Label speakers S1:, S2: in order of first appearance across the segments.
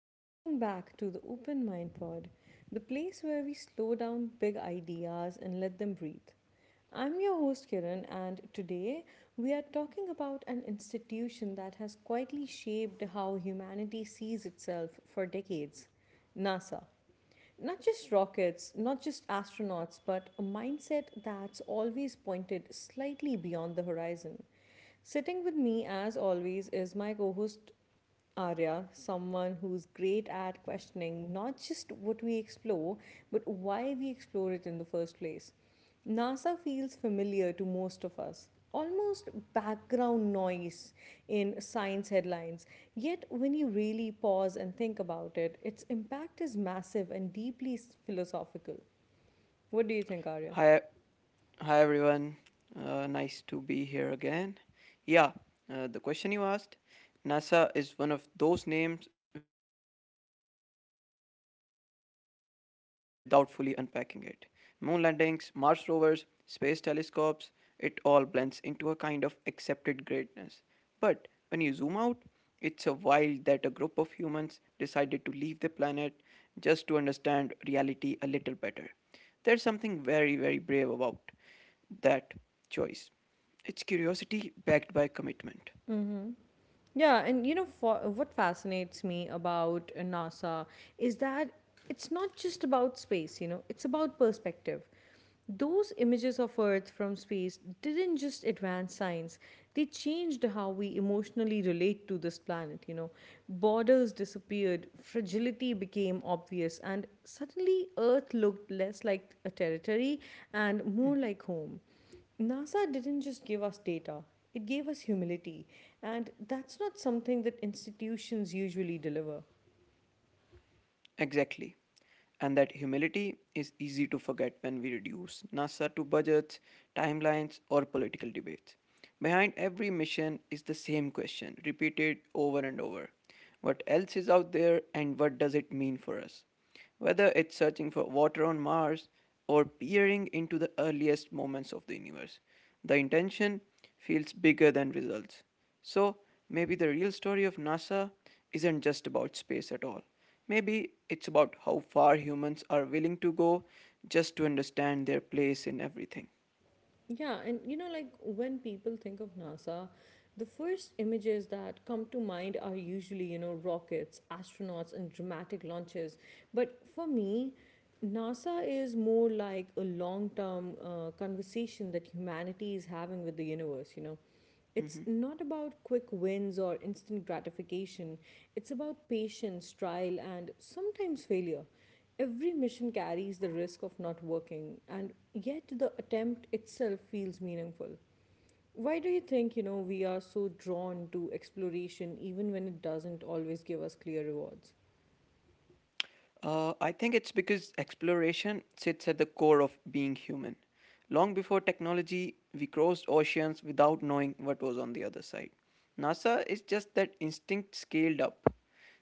S1: and welcome back to the Open Mind Pod, the place where we slow down big ideas and let them breathe. I'm your host Kiran, and today we are talking about an institution that has quietly shaped how humanity sees itself for decades: NASA. Not just rockets, not just astronauts, but a mindset that's always pointed slightly beyond the horizon. Sitting with me, as always, is my co host Arya, someone who's great at questioning not just what we explore, but why we explore it in the first place. NASA feels familiar to most of us, almost background noise in science headlines. Yet, when you really pause and think about it, its impact is massive and deeply philosophical. What do you think, Arya?
S2: Hi, hi everyone. Nice to be here again. Yeah, the question you asked, NASA is one of those names we grow up hearing without fully unpacking it. Moon landings, Mars rovers, space telescopes, it all blends into a kind of accepted greatness. But when you zoom out, it's a while that a group of humans decided to leave the planet just to understand reality a little better. There's something very, very brave about that choice. It's curiosity backed by commitment.
S1: Yeah, and you know for, what fascinates me about NASA is that it's not just about space, you know, it's about perspective. Those images of Earth from space didn't just advance science, they changed how we emotionally relate to this planet, you know. Borders disappeared, fragility became obvious, and suddenly Earth looked less like a territory and more like home. NASA didn't just give us data, it gave us humility. And that's not something that institutions usually deliver.
S2: Exactly. And that humility is easy to forget when we reduce NASA to budgets, timelines, or political debates. Behind every mission is the same question, repeated over and over. What else is out there, and what does it mean for us? Whether it's searching for water on Mars or peering into the earliest moments of the universe, the intention feels bigger than results. So, maybe the real story of NASA isn't just about space at all. Maybe it's about how far humans are willing to go just to understand their place in everything.
S1: Yeah, and you know, like when people think of NASA, the first images that come to mind are usually, you know, rockets, astronauts, and dramatic launches. But for me, NASA is more like a long term conversation that humanity is having with the universe, you know. It's
S2: Mm-hmm.
S1: not about quick wins or instant gratification. It's about patience, trial, and sometimes failure. Every mission carries the risk of not working, and yet the attempt itself feels meaningful. Why do you think, you know, we are so drawn to exploration even when it doesn't always give us clear rewards?
S2: I think it's because exploration sits at the core of being human. Long before technology, we crossed oceans without knowing what was on the other side. NASA is just that instinct scaled up.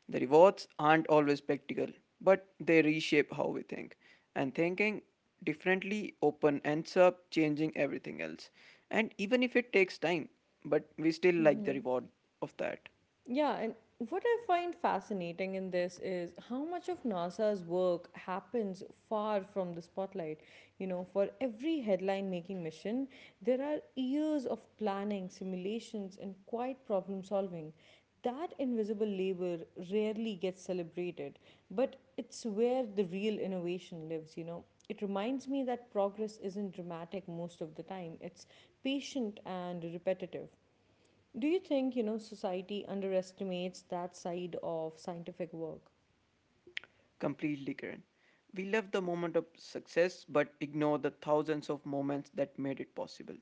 S2: The rewards aren't always practical, but they reshape how we think. And thinking differently open ends up changing everything else. And even if it takes time, but we still like the reward of that.
S1: Yeah, and what I find fascinating in this is how much of NASA's work happens far from the spotlight. You know, for every headline making mission, there are years of planning, simulations, and quiet problem solving. That invisible labor rarely gets celebrated, but it's where the real innovation lives, you know. It reminds me that progress isn't dramatic most of the time, it's patient and repetitive. Do you think, you know, society underestimates that side of scientific work?
S2: Completely, Kiran. We love the moment of success but ignore the thousands of moments that made it possible.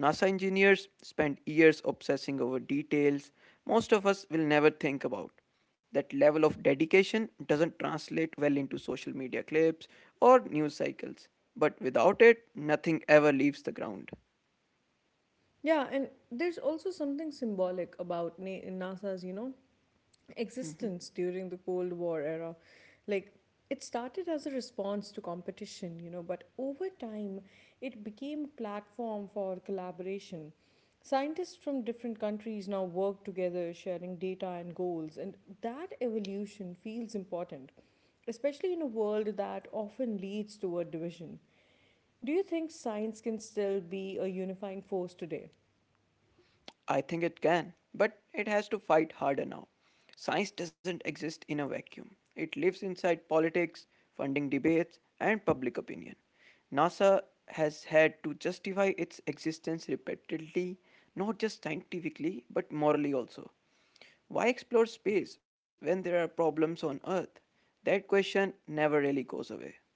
S2: NASA engineers spend years obsessing over details most of us will never think about. That level of dedication doesn't translate well into social media clips or news cycles, but without it, nothing ever leaves the ground.
S1: Yeah, and there's also something symbolic about NASA's, you know, existence during the Cold War era. Like, it started as a response to competition, you know, but over time, it became a platform for collaboration. Scientists from different countries now work together, sharing data and goals, and that evolution feels important, especially in a world that often leads toward division. Do you think science can still be a unifying force today?
S2: I think it can, but it has to fight harder now. Science doesn't exist in a vacuum. It lives inside politics, funding debates, and public opinion. NASA has had to justify its existence repeatedly, not just scientifically, but morally also. Why explore space when there are problems on Earth? That question never really goes away,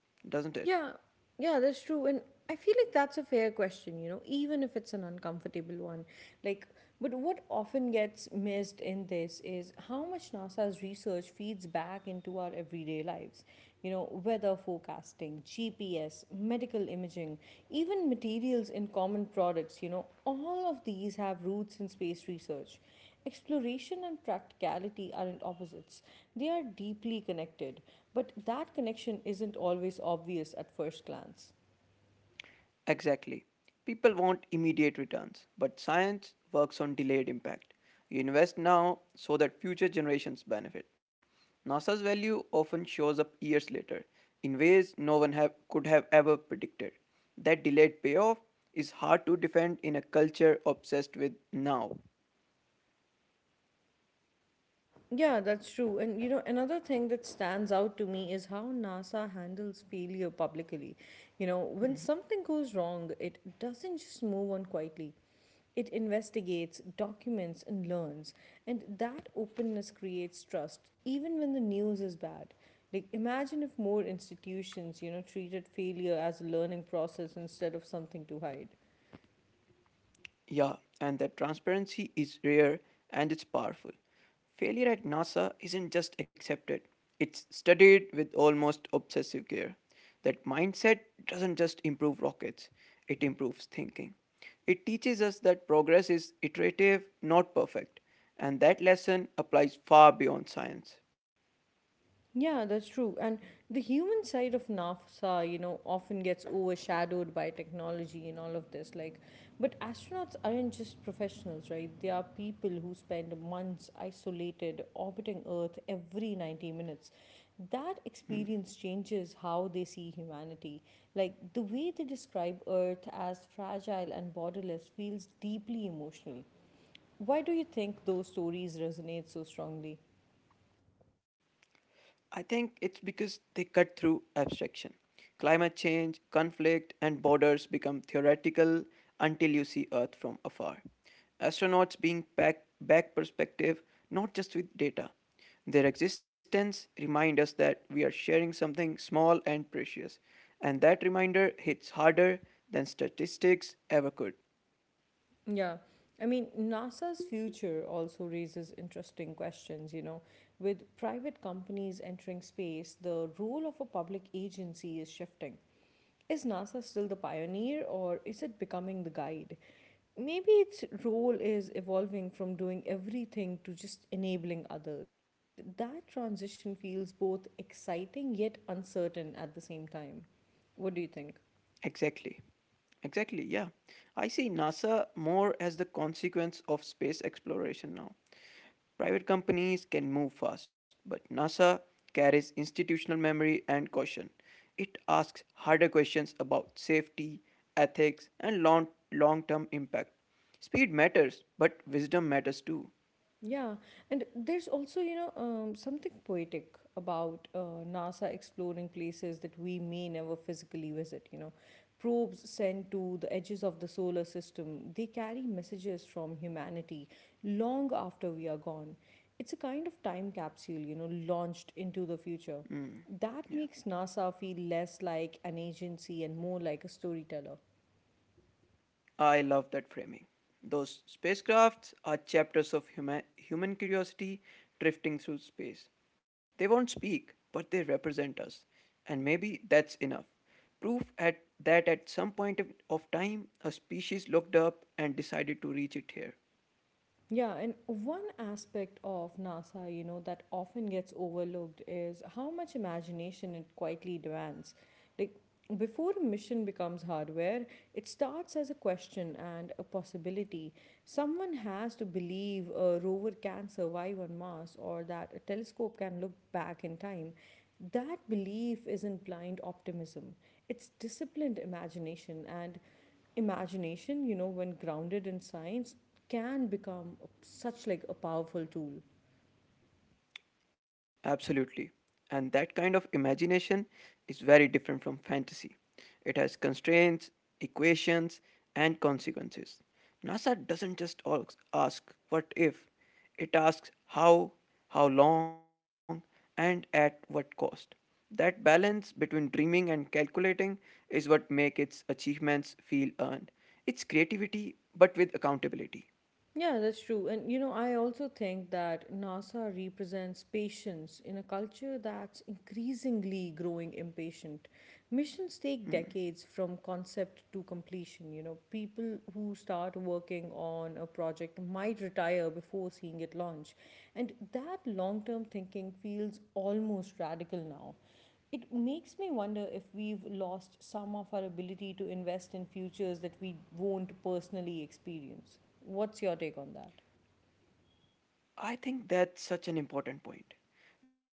S2: doesn't it?
S1: Yeah, yeah, that's true. And I feel like that's a fair question, you know, even if it's an uncomfortable one. Like, but what often gets missed in this is how much NASA's research feeds back into our everyday lives. You know, weather forecasting, GPS, medical imaging, even materials in common products, you know, all of these have roots in space research. Exploration and practicality aren't opposites, they are deeply connected, but that connection isn't always obvious at first glance.
S2: Exactly. People want immediate returns, but science works on delayed impact. You invest now so that future generations benefit. NASA's value often shows up years later in ways no one have, could have ever predicted. That delayed payoff is hard to defend in a culture obsessed with now.
S1: Yeah, that's true. And you know, another thing that stands out to me is how NASA handles failure publicly. You know, when something goes wrong, it doesn't just move on quietly. It investigates, documents, and learns. And that openness creates trust, even when the news is bad. Like, imagine if more institutions, you know, treated failure as a learning process instead of something to hide.
S2: Yeah, and that transparency is rare and it's powerful. Failure at NASA isn't just accepted, it's studied with almost obsessive care. That mindset doesn't just improve rockets, it improves thinking. It teaches us that progress is iterative, not perfect, and that lesson applies far beyond science.
S1: Yeah, that's true. And the human side of NASA, you know, often gets overshadowed by technology and all of this. Like, but astronauts aren't just professionals, right? They are people who spend months isolated, orbiting Earth every 90 minutes. That experience changes how they see humanity. Like, the way they describe Earth as fragile and borderless feels deeply emotional. Why do you think those stories resonate so strongly?
S2: I think it's because they cut through abstraction. Climate change, conflict, and borders become theoretical until you see Earth from afar. Astronauts being back, back perspective, not just with data. Their existence remind us that we are sharing something small and precious, and that reminder hits harder than statistics ever could.
S1: Yeah. I mean, NASA's future also raises interesting questions, you know. With private companies entering space, the role of a public agency is shifting. Is NASA still the pioneer or is it becoming the guide? Maybe its role is evolving from doing everything to just enabling others. And that transition feels both exciting yet uncertain at the same time. What do you think?
S2: Exactly. Exactly, yeah. I see NASA more as the consequence of space exploration now. Private companies can move fast, but NASA carries institutional memory and caution. It asks harder questions about safety, ethics, and long long term impact. Speed matters, but wisdom matters too.
S1: Yeah, and there's also, you know, something poetic about NASA exploring places that we may never physically visit. You know, probes sent to the edges of the solar system, they carry messages from humanity long after we are gone. It's a kind of time capsule, you know, launched into the future.
S2: Mm, yeah.
S1: That makes NASA feel less like an agency and more like a storyteller.
S2: I love that framing. Those spacecrafts are chapters of human curiosity drifting through space. They won't speak, but they represent us. And maybe that's enough. Proof at, that at some point of, time, a species looked up and decided to reach it here.
S1: Yeah, and one aspect of NASA, you know, that often gets overlooked is how much imagination it quietly demands. Like, before a mission becomes hardware, it starts as a question and a possibility. Someone has to believe a rover can survive on Mars or that a telescope can look back in time. That belief isn't blind optimism, it's disciplined imagination. And imagination, you know, when grounded in science, can become such like a powerful tool.
S2: Absolutely. And that kind of imagination is very different from fantasy. It has constraints, equations, and consequences. NASA doesn't just ask what if, it asks how long, and at what cost. That balance between dreaming and calculating is what makes its achievements feel earned. It's creativity but with accountability.
S1: Yeah, that's true. And you know, I also think that NASA represents patience in a culture that's increasingly growing impatient. Missions take decades from concept to completion. You know, people who start working on a project might retire before seeing it launch. And that long term thinking feels almost radical now. It makes me wonder if we've lost some of our ability to invest in futures that we won't personally experience. What's your take on that?
S2: I think that's such an important point.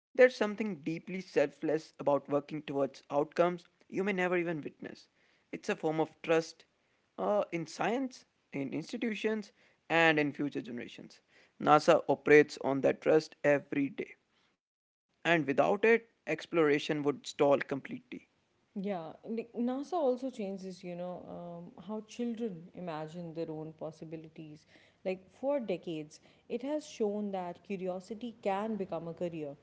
S2: There's something deeply selfless about working towards outcomes you may never even witness. It's a form of trust in science, in institutions, and in future generations. NASA operates on that trust every day, and without it, exploration would stall completely.
S1: Yeah, like NASA also changes, you know, how children imagine their own possibilities. Like for decades, it has shown that curiosity can become a career.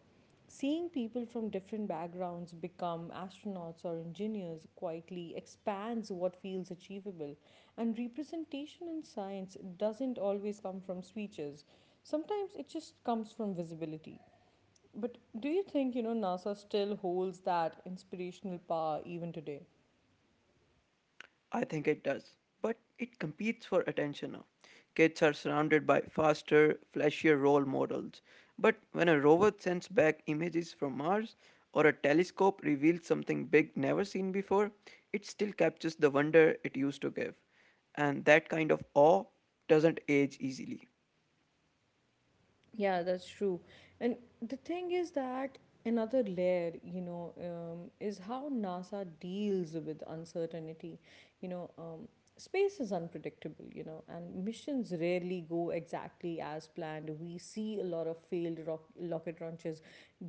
S1: Seeing people from different backgrounds become astronauts or engineers quietly expands what feels achievable. And representation in science doesn't always come from speeches, sometimes it just comes from visibility. But do you think, you know, NASA still holds that inspirational power even today?
S2: I think it does. But it competes for attention now. Kids are surrounded by faster, flashier role models. But when a rover sends back images from Mars or a telescope reveals something big never seen before, it still captures the wonder it used to give. And that kind of awe doesn't age easily.
S1: Yeah, that's true. And the thing is that another layer, you know, is how NASA deals with uncertainty. You know, space is unpredictable, you know, and missions rarely go exactly as planned. We see a lot of failed rocket launches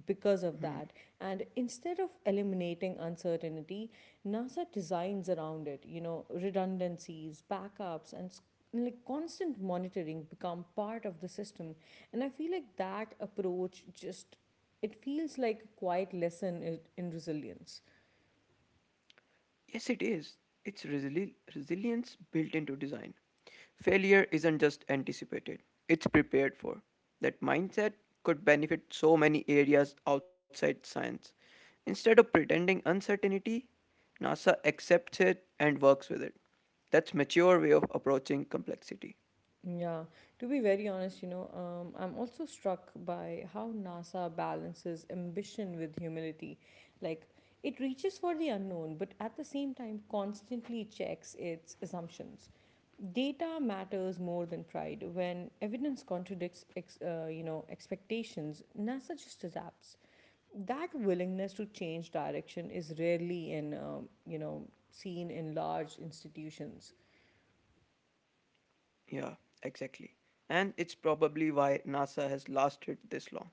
S1: because of
S2: Hmm.
S1: that. And instead of eliminating uncertainty, NASA designs around it, you know, redundancies, backups, and like constant monitoring become part of the system, and I feel like that approach just it feels like a quiet lesson in resilience.
S2: Yes, it is. It's resilience built into design. Failure isn't just anticipated, it's prepared for. That mindset could benefit so many areas outside science. Instead of pretending uncertainty, NASA accepts it and works with it. That's mature way of approaching complexity.
S1: Yeah, to be very honest, you know, I'm also struck by how NASA balances ambition with humility. Like, it reaches for the unknown but at the same time constantly checks its assumptions. Data matters more than pride. When evidence contradicts you know, expectations, NASA just adapts. That willingness to change direction is rarely in you know, seen in large institutions.
S2: Yeah, exactly. And it's probably why NASA has lasted this long.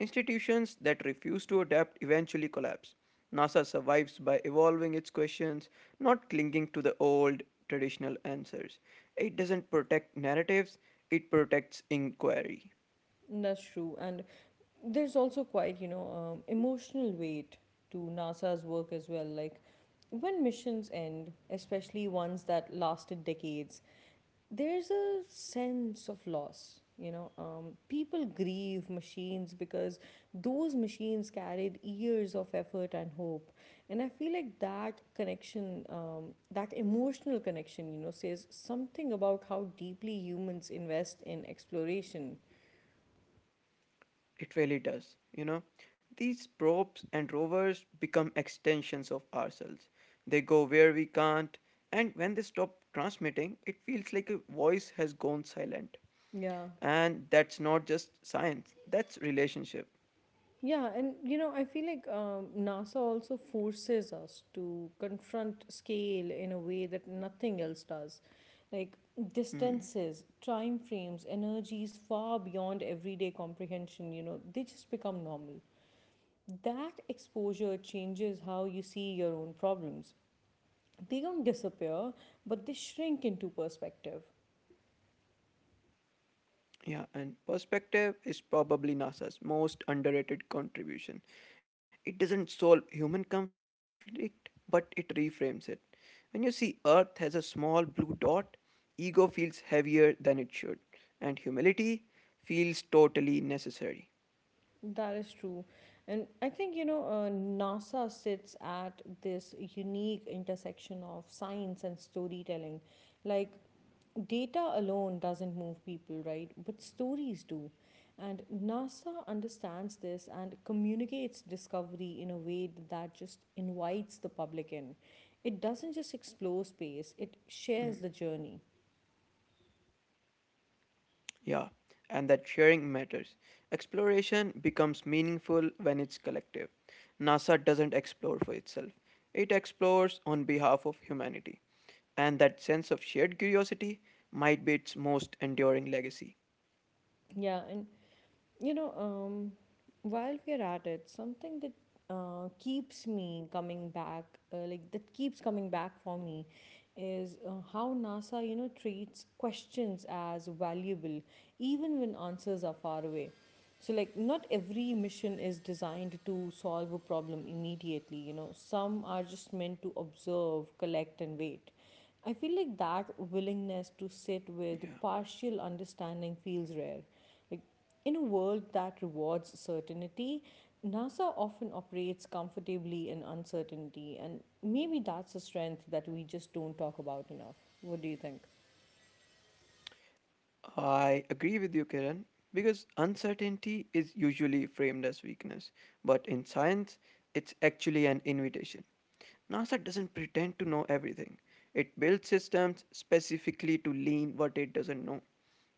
S2: Institutions that refuse to adapt eventually collapse. NASA survives by evolving its questions, not clinging to the old traditional answers. It doesn't protect narratives, it protects inquiry.
S1: That's true. And there's also quite, you know, emotional weight to NASA's work as well. Like, when missions end, especially ones that lasted decades, there's a sense of loss, you know, people grieve machines because those machines carried years of effort and hope. And I feel like that connection, that emotional connection, you know, says something about how deeply humans invest in exploration.
S2: It really does. You know, these probes and rovers become extensions of ourselves. They go where we can't, and when they stop transmitting, it feels like a voice has gone silent.
S1: Yeah.
S2: And that's not just science, that's relationship.
S1: Yeah, and you know, I feel like NASA also forces us to confront scale in a way that nothing else does. Like,
S2: Hmm.
S1: distances, time frames, energies far beyond everyday comprehension, you know, they just become normal. That exposure changes how you see your own problems. They don't disappear, but they shrink into perspective.
S2: Yeah, and perspective is probably NASA's most underrated contribution. It doesn't solve human conflict, but it reframes it. When you see Earth as a small blue dot, ego feels heavier than it should, and humility feels totally necessary.
S1: That is true. And I think, you know, NASA sits at this unique intersection of science and storytelling. Like, data alone doesn't move people, right? But stories do. And NASA understands this and communicates discovery in a way that just invites the public in. It doesn't just explore space, it shares the journey.
S2: Yeah, and that sharing matters. Exploration becomes meaningful when it's collective. NASA doesn't explore for itself, it explores on behalf of humanity. And that sense of shared curiosity might be its most enduring legacy.
S1: Yeah, and you know, while we are at it, something that keeps me coming back, like that keeps coming back for me, is how NASA, you know, treats questions as valuable, even when answers are far away. So, like, not every mission is designed to solve a problem immediately, you know, some are just meant to observe, collect, and wait. I feel like that willingness to
S2: Yeah.
S1: sit with partial understanding feels rare. Like, in a world that rewards certainty, NASA often operates comfortably in uncertainty, and maybe that's a strength that we just don't talk about enough. What do you think?
S2: I agree with you, Kiran, because uncertainty is usually framed as weakness, but in science, it's actually an invitation. NASA doesn't pretend to know everything, it builds systems specifically to lean what it doesn't know.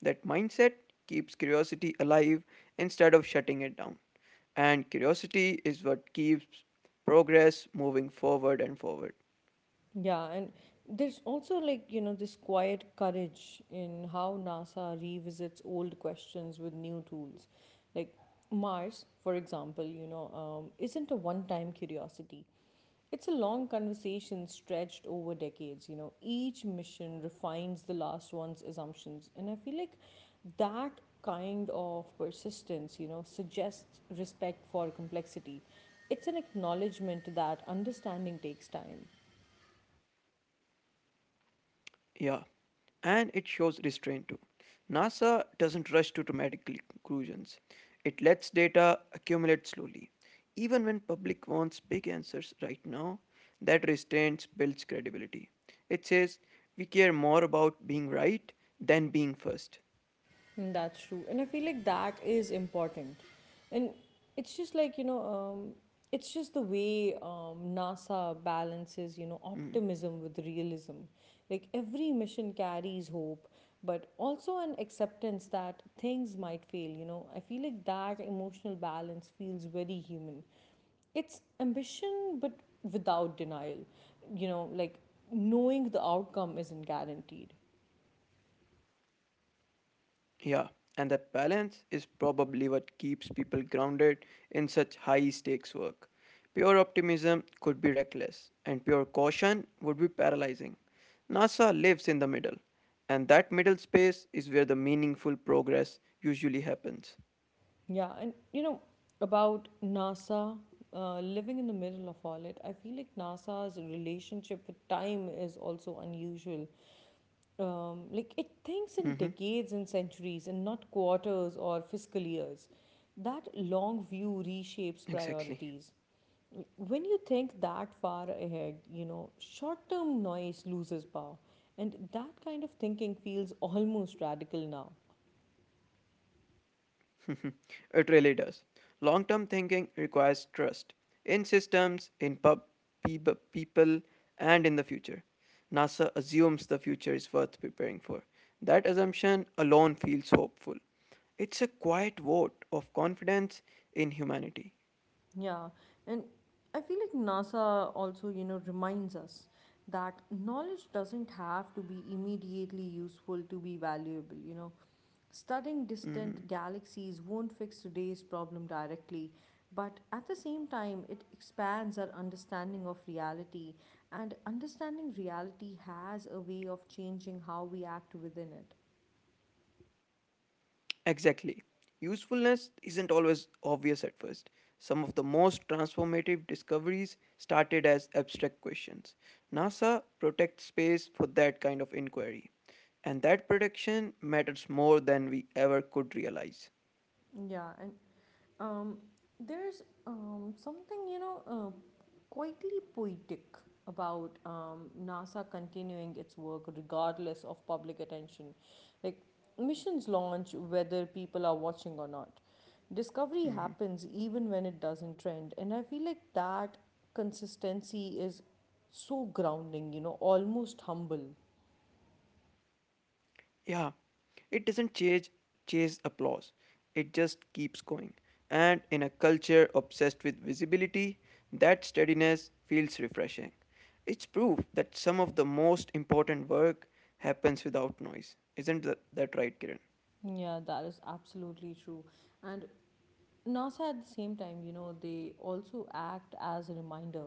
S2: That mindset keeps curiosity alive instead of shutting it down. And curiosity is what keeps progress moving forward and forward.
S1: Yeah, and there's also like, you know, this quiet courage in how NASA revisits old questions with new tools. Like Mars, for example, you know, isn't a one time curiosity. It's a long conversation stretched over decades. You know, each mission refines the last one's assumptions. And I feel like that kind of persistence, suggests respect for complexity. It's an acknowledgement that understanding takes time.
S2: Yeah, and it shows restraint too. NASA doesn't rush to dramatic conclusions. It lets data accumulate slowly. Even when public wants big answers right now, that restraint builds credibility. It says we care more about being right than being first.
S1: Mm, that's true. And I feel like that is important. And it's just like, you know, um, it's just the way NASA balances
S2: Mm.
S1: optimism with realism. Like every mission carries hope, but also an acceptance that things might fail. I feel like that emotional balance feels very human. It's ambition, but without denial, like knowing the outcome isn't guaranteed.
S2: Yeah, and that balance is probably what keeps people grounded in such high stakes work. Pure optimism could be reckless, and pure caution would be paralyzing. NASA lives in the middle, and that middle space is where the meaningful progress usually happens.
S1: Yeah, and about NASA, living in the middle of all it, I feel like NASA's relationship with time is also unusual. Like, it thinks
S2: Hmm.
S1: in decades and centuries and not quarters or fiscal years. That long view reshapes
S2: Exactly.
S1: priorities. When you think that far ahead, short term noise loses power. And that kind of thinking feels almost radical now.
S2: It really does. Long term thinking requires trust in systems, in people, and in the future. NASA assumes the future is worth preparing for. That assumption alone feels hopeful. It's a quiet vote of confidence in humanity.
S1: Yeah, and I feel like NASA also, reminds us that knowledge doesn't have to be immediately useful to be valuable. Studying
S2: Mhm.
S1: distant galaxies won't fix today's problem directly, but at the same time, it expands our understanding of reality, and understanding reality has a way of changing how we act within it.
S2: Exactly. Usefulness isn't always obvious at first. Some of the most transformative discoveries started as abstract questions. NASA protects space for that kind of inquiry. And that protection matters more than we ever could realize.
S1: Yeah, and um, there's something quietly poetic about NASA continuing its work regardless of public attention. Like missions launch whether people are watching or not. Discovery
S2: Mhm.
S1: happens even when it doesn't trend. And I feel like that consistency is so grounding, almost humble.
S2: Yeah, it doesn't chase applause. It just keeps going. And in a culture obsessed with visibility, that steadiness feels refreshing. It's proof that some of the most important work happens without noise. Isn't that right, Kiran?
S1: Yeah, that is absolutely true. And NASA at the same time, they also act as a reminder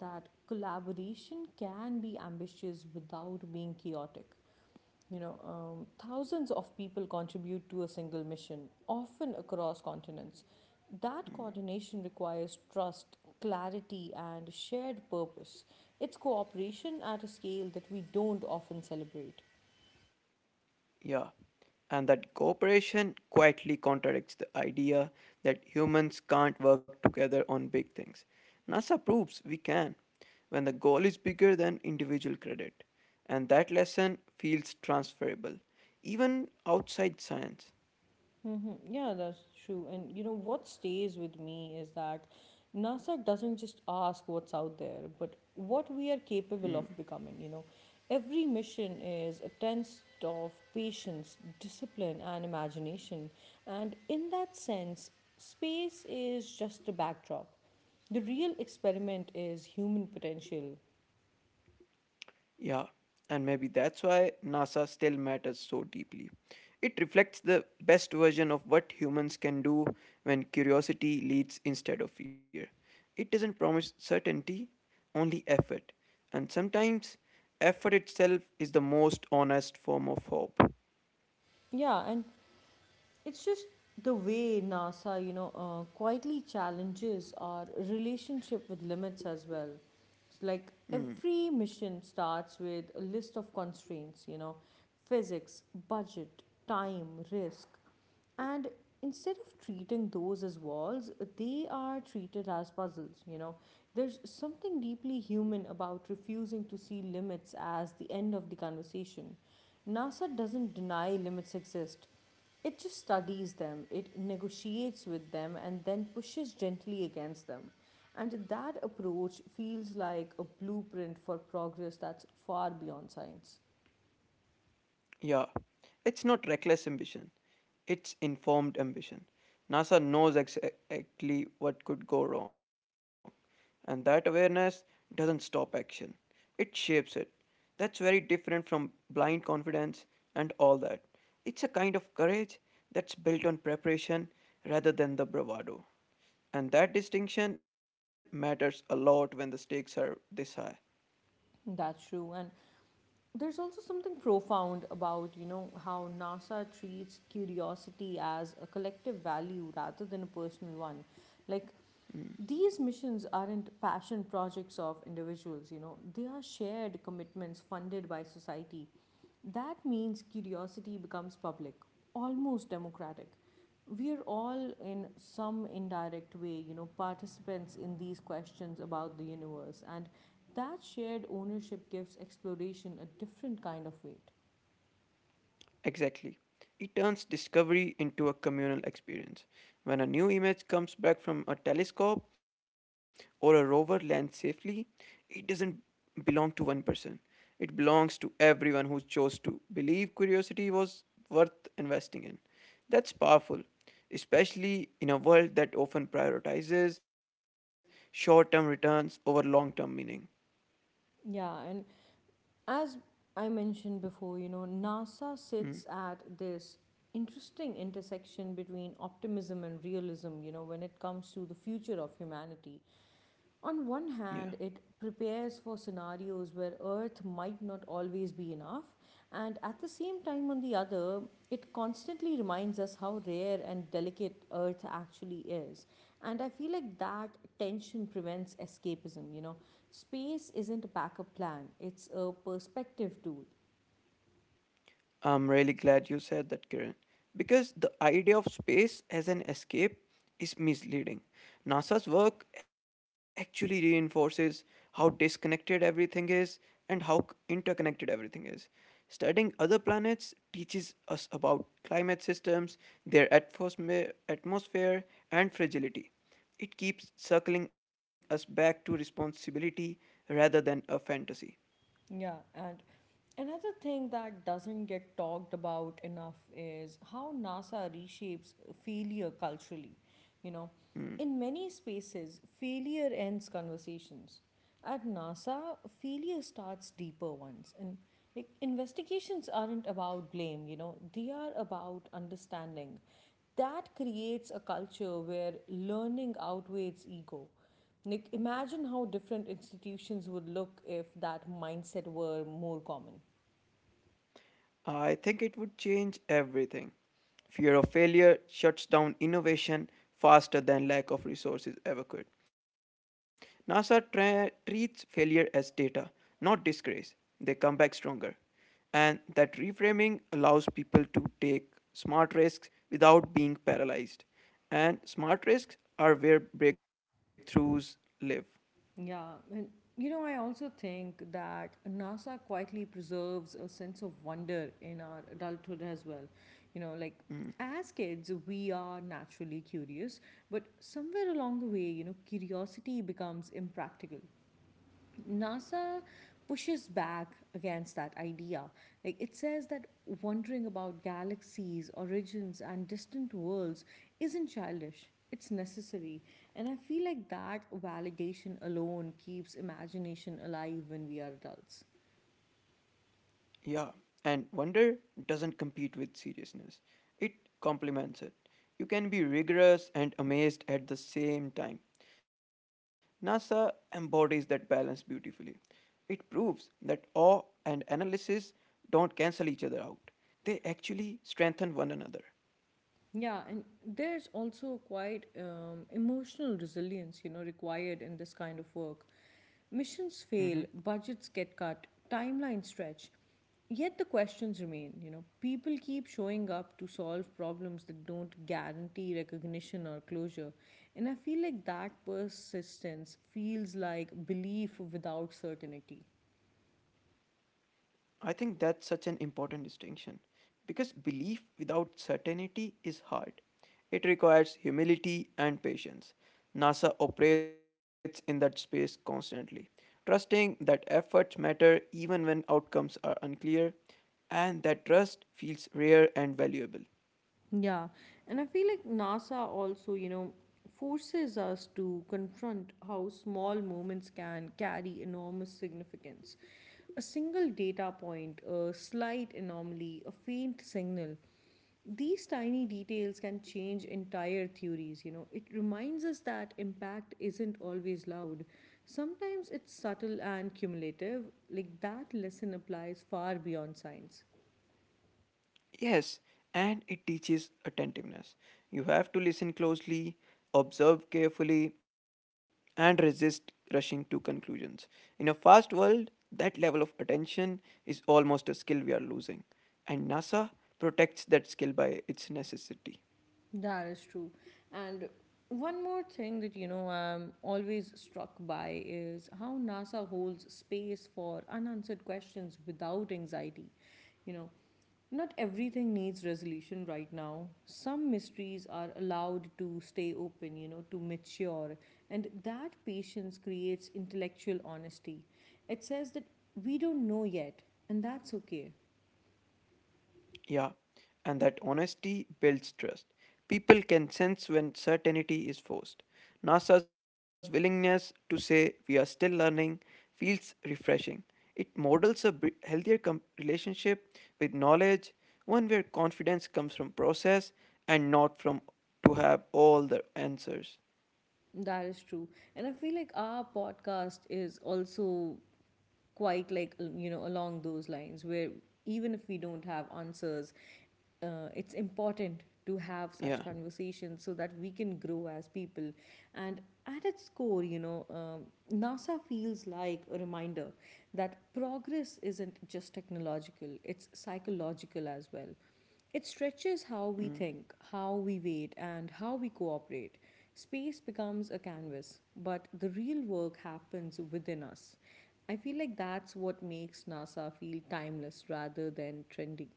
S1: that collaboration can be ambitious without being chaotic. Thousands of people contribute to a single mission, often across continents. That coordination requires trust, clarity, and shared purpose. It's cooperation at a scale that we don't often celebrate.
S2: Yeah, and that cooperation quietly contradicts the idea that humans can't work together on big things. NASA proves we can when the goal is bigger than individual credit, and that lesson feels transferable, even outside science.
S1: Mm-hmm. Yeah, that's true. And you know what stays with me is that NASA doesn't just ask what's out there, but what we are capable
S2: Hmm.
S1: of becoming. You know, every mission is a test of patience, discipline, and imagination. And in that sense, space is just a backdrop. The real experiment is human potential.
S2: Yeah, and maybe that's why NASA still matters so deeply. It reflects the best version of what humans can do when curiosity leads instead of fear. It doesn't promise certainty, only effort. And sometimes, effort itself is the most honest form of hope.
S1: Yeah, and it's just the way NASA, quietly challenges our relationship with limits as well. It's like
S2: Hmm.
S1: every mission starts with a list of constraints, physics, budget, time, risk. And instead of treating those as walls, they are treated as puzzles. There's something deeply human about refusing to see limits as the end of the conversation. NASA doesn't deny limits exist. It just studies them, it negotiates with them, and then pushes gently against them. And that approach feels like a blueprint for progress that's far beyond science.
S2: Yeah, it's not reckless ambition, it's informed ambition. NASA knows exactly what could go wrong, and that awareness doesn't stop action, it shapes it. That's very different from blind confidence and all that. It's a kind of courage that's built on preparation rather than the bravado. And that distinction matters a lot when the stakes are this high.
S1: That's true. And there's also something profound about, how NASA treats curiosity as a collective value rather than a personal one. Like these missions aren't passion projects of individuals, they are shared commitments funded by society. That means curiosity becomes public, almost democratic. We are all, in some indirect way, participants in these questions about the universe, and that shared ownership gives exploration a different kind of weight.
S2: Exactly. It turns discovery into a communal experience. When a new image comes back from a telescope or a rover lands safely, it doesn't belong to one person. It belongs to everyone who chose to believe curiosity was worth investing in. That's powerful, especially in a world that often prioritizes short term returns over long term meaning.
S1: Yeah, and as I mentioned before, NASA sits at
S2: Mm,
S1: this interesting intersection between optimism and realism, when it comes to the future of humanity. On one
S2: yeah.
S1: hand, it prepares for scenarios where Earth might not always be enough, and at the same time, on the other, it constantly reminds us how rare and delicate Earth actually is. And I feel like that tension prevents escapism, Space isn't a backup plan, it's a perspective tool.
S2: I'm really glad you said that, Kiran, because the idea of space as an escape is misleading. NASA's work actually reinforces how disconnected everything is and how interconnected everything is. Studying other planets teaches us about climate systems, their atmosphere, and fragility. It keeps circling us back to responsibility rather than a fantasy.
S1: Yeah, and another thing that doesn't get talked about enough is how NASA reshapes failure culturally. You know,
S2: Hmm.
S1: in many spaces, failure ends conversations. At NASA, failure starts deeper ones. And like investigations aren't about blame, they are about understanding. That creates a culture where learning outweighs ego. Like, imagine how different institutions would look if that mindset were more common.
S2: I think it would change everything. Fear of failure shuts down innovation faster than lack of resources ever could. NASA treats failure as data, not disgrace. They come back stronger. And that reframing allows people to take smart risks without being paralyzed. And smart risks are where breakthroughs live.
S1: Yeah, and you know, I also think that NASA quietly preserves a sense of wonder in our adulthood as well. You know, like
S2: Mm.
S1: as kids, we are naturally curious, but somewhere along the way, curiosity becomes impractical. NASA pushes back against that idea. Like it says that wondering about galaxies, origins, and distant worlds isn't childish. It's necessary. And I feel like that validation alone keeps imagination alive when we are adults.
S2: Yeah, and wonder doesn't compete with seriousness, it complements it. You can be rigorous and amazed at the same time. NASA embodies that balance beautifully. It proves that awe and analysis don't cancel each other out, they actually strengthen one another.
S1: Yeah, and there's also quite emotional resilience, required in this kind of work. Missions
S2: Mm-hmm.
S1: fail, budgets get cut, timelines stretch. Yet the questions remain, people keep showing up to solve problems that don't guarantee recognition or closure. And I feel like that persistence feels like belief without certainty.
S2: I think that's such an important distinction because belief without certainty is hard. It requires humility and patience. NASA operates in that space constantly, trusting that efforts matter even when outcomes are unclear, and that trust feels rare and valuable.
S1: Yeah, and I feel like NASA also, forces us to confront how small moments can carry enormous significance. A single data point, a slight anomaly, a faint signal. These tiny details can change entire theories. It reminds us that impact isn't always loud. Sometimes it's subtle and cumulative. Like that lesson applies far beyond science.
S2: Yes, and it teaches attentiveness. You have to listen closely, observe carefully, and resist rushing to conclusions. In a fast world, that level of attention is almost a skill we are losing, and NASA protects that skill by its necessity.
S1: That is true. And one more thing that, I'm always struck by is how NASA holds space for unanswered questions without anxiety. You know, not everything needs resolution right now. Some mysteries are allowed to stay open, to mature. And that patience creates intellectual honesty. It says that we don't know yet, and that's okay.
S2: Yeah, and that honesty builds trust. People can sense when certainty is forced. NASA's willingness to say we are still learning feels refreshing. It models a healthier relationship with knowledge, one where confidence comes from process and not from to have all the answers.
S1: That is true. And I feel like our podcast is also quite like you know along those lines where even if we don't have answers it's important to
S2: Yeah.
S1: have such conversations so that we can grow as people. And at its core, NASA feels like a reminder that progress isn't just technological, it's psychological as well. It stretches
S2: Mm.
S1: how we think, how we wait, and how we cooperate. Space becomes a canvas, but the real work happens within us. I feel like that's what makes NASA feel timeless rather than trendy.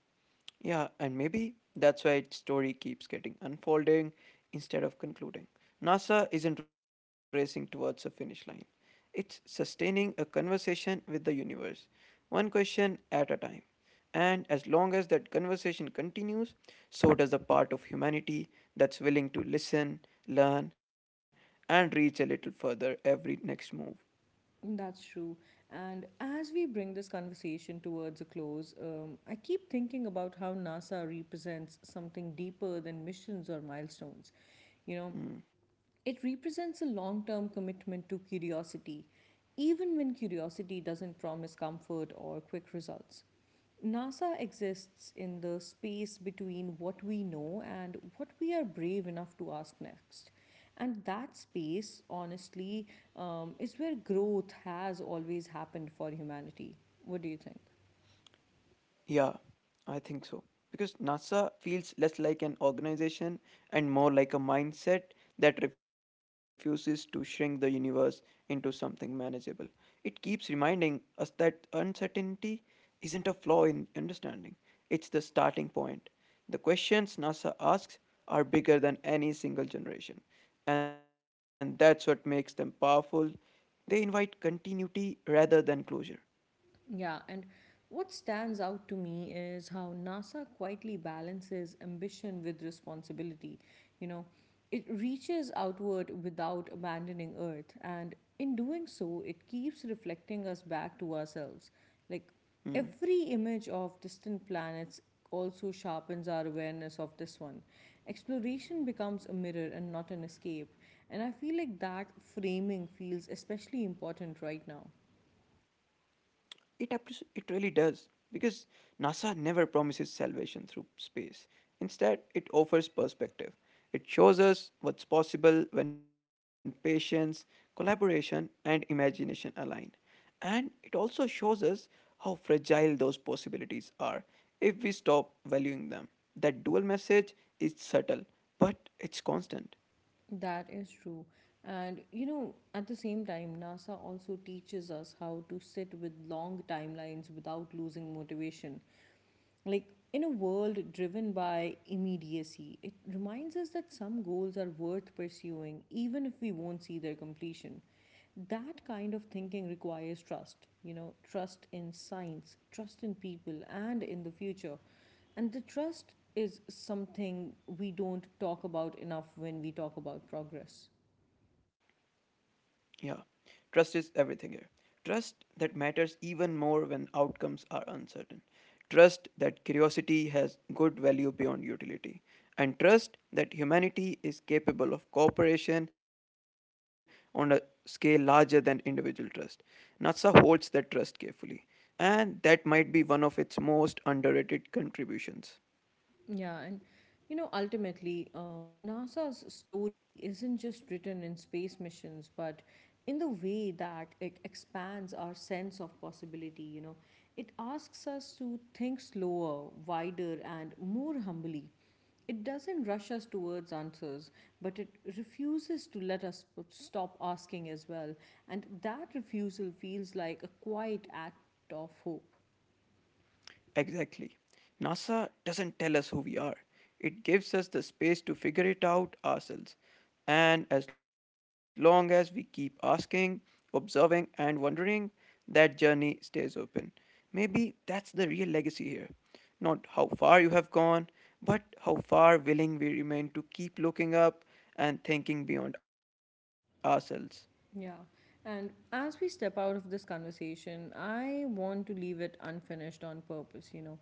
S2: Yeah, and maybe that's why its story keeps getting unfolding instead of concluding. NASA isn't racing towards a finish line, it's sustaining a conversation with the universe, one question at a time. And as long as that conversation continues, so does the part of humanity that's willing to listen, learn, and reach a little further every next move.
S1: That's true. And as we bring this conversation towards a close, I keep thinking about how NASA represents something deeper than missions or milestones. You know,
S2: Mm.
S1: it represents a long term commitment to curiosity, even when curiosity doesn't promise comfort or quick results. NASA exists in the space between what we know and what we are brave enough to ask next. And that space, honestly, is where growth has always happened for humanity. What do you think?
S2: Yeah, I think so. Because NASA feels less like an organization and more like a mindset that refuses to shrink the universe into something manageable. It keeps reminding us that uncertainty isn't a flaw in understanding, it's the starting point. The questions NASA asks are bigger than any single generation, and that's what makes them powerful. They invite continuity rather than closure.
S1: Yeah, and what stands out to me is how NASA quietly balances ambition with responsibility. You know, it reaches outward without abandoning Earth, and in doing so, it keeps reflecting us back to ourselves. Like, every
S2: Hmm.
S1: image of distant planets also sharpens our awareness of this one. Exploration becomes a mirror and not an escape, and I feel like that framing feels especially important right now.
S2: It really does because NASA never promises salvation through space. Instead, it offers perspective. It shows us what's possible when patience, collaboration, and imagination align. And it also shows us how fragile those possibilities are if we stop valuing them. That dual message is subtle, but it's constant.
S1: That is true. And you know, at the same time, NASA also teaches us how to sit with long timelines without losing motivation. Like in a world driven by immediacy, it reminds us that some goals are worth pursuing even if we won't see their completion. That kind of thinking requires trust, trust in science, trust in people, and in the future. And the trust is something we don't talk about enough when we talk about progress.
S2: Yeah, trust is everything here. Trust that matters even more when outcomes are uncertain. Trust that curiosity has good value beyond utility. And trust that humanity is capable of cooperation on a scale larger than individual trust. NASA holds that trust carefully. And that might be one of its most underrated contributions.
S1: Yeah, and you know, ultimately, NASA's story isn't just written in space missions, but in the way that it expands our sense of possibility, it asks us to think slower, wider, and more humbly. It doesn't rush us towards answers, but it refuses to let us stop asking as well. And that refusal feels like a quiet act of hope.
S2: Exactly. NASA doesn't tell us who we are, it gives us the space to figure it out ourselves. And as long as we keep asking, observing, and wondering, that journey stays open. Maybe that's the real legacy here. Not how far you have gone, but how far willing we remain to keep looking up and thinking beyond ourselves.
S1: Yeah. And as we step out of this conversation, I want to leave it unfinished on purpose,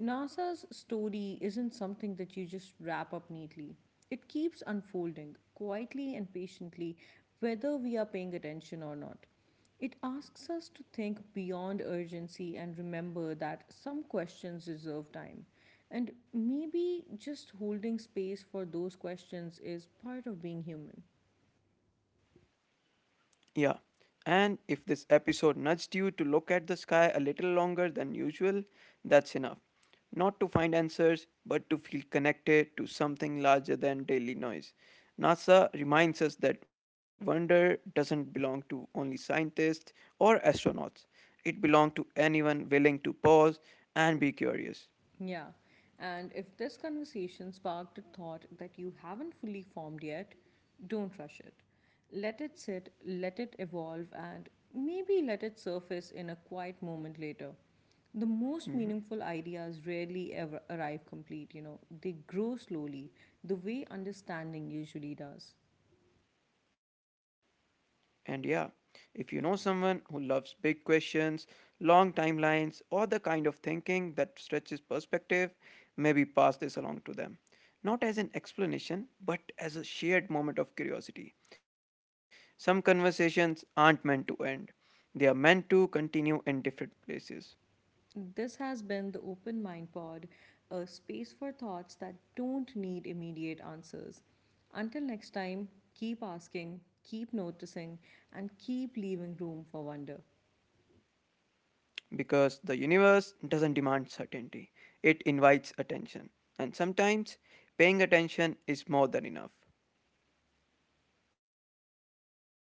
S1: NASA's story isn't something that you just wrap up neatly. It keeps unfolding quietly and patiently, whether we are paying attention or not. It asks us to think beyond urgency and remember that some questions deserve time. And maybe just holding space for those questions is part of being human.
S2: Yeah. And if this episode nudged you to look at the sky a little longer than usual, that's enough. Not to find answers, but to feel connected to something larger than daily noise. NASA reminds us that wonder doesn't belong to only scientists or astronauts. It belongs to anyone willing to pause and be curious.
S1: Yeah. And if this conversation sparked a thought that you haven't fully formed yet, don't rush it. Let it sit, let it evolve, and maybe let it surface in a quiet moment later. The most
S2: Mhm.
S1: meaningful ideas rarely ever arrive complete, they grow slowly, the way understanding usually does.
S2: And yeah, if you know someone who loves big questions, long timelines, or the kind of thinking that stretches perspective, maybe pass this along to them. Not as an explanation, but as a shared moment of curiosity. Some conversations aren't meant to end, they are meant to continue in different places.
S1: This has been the Open Mind Pod, a space for thoughts that don't need immediate answers. Until next time, keep asking, keep noticing, and keep leaving room for wonder.
S2: Because the universe doesn't demand certainty, it invites attention. And sometimes paying attention is more than enough.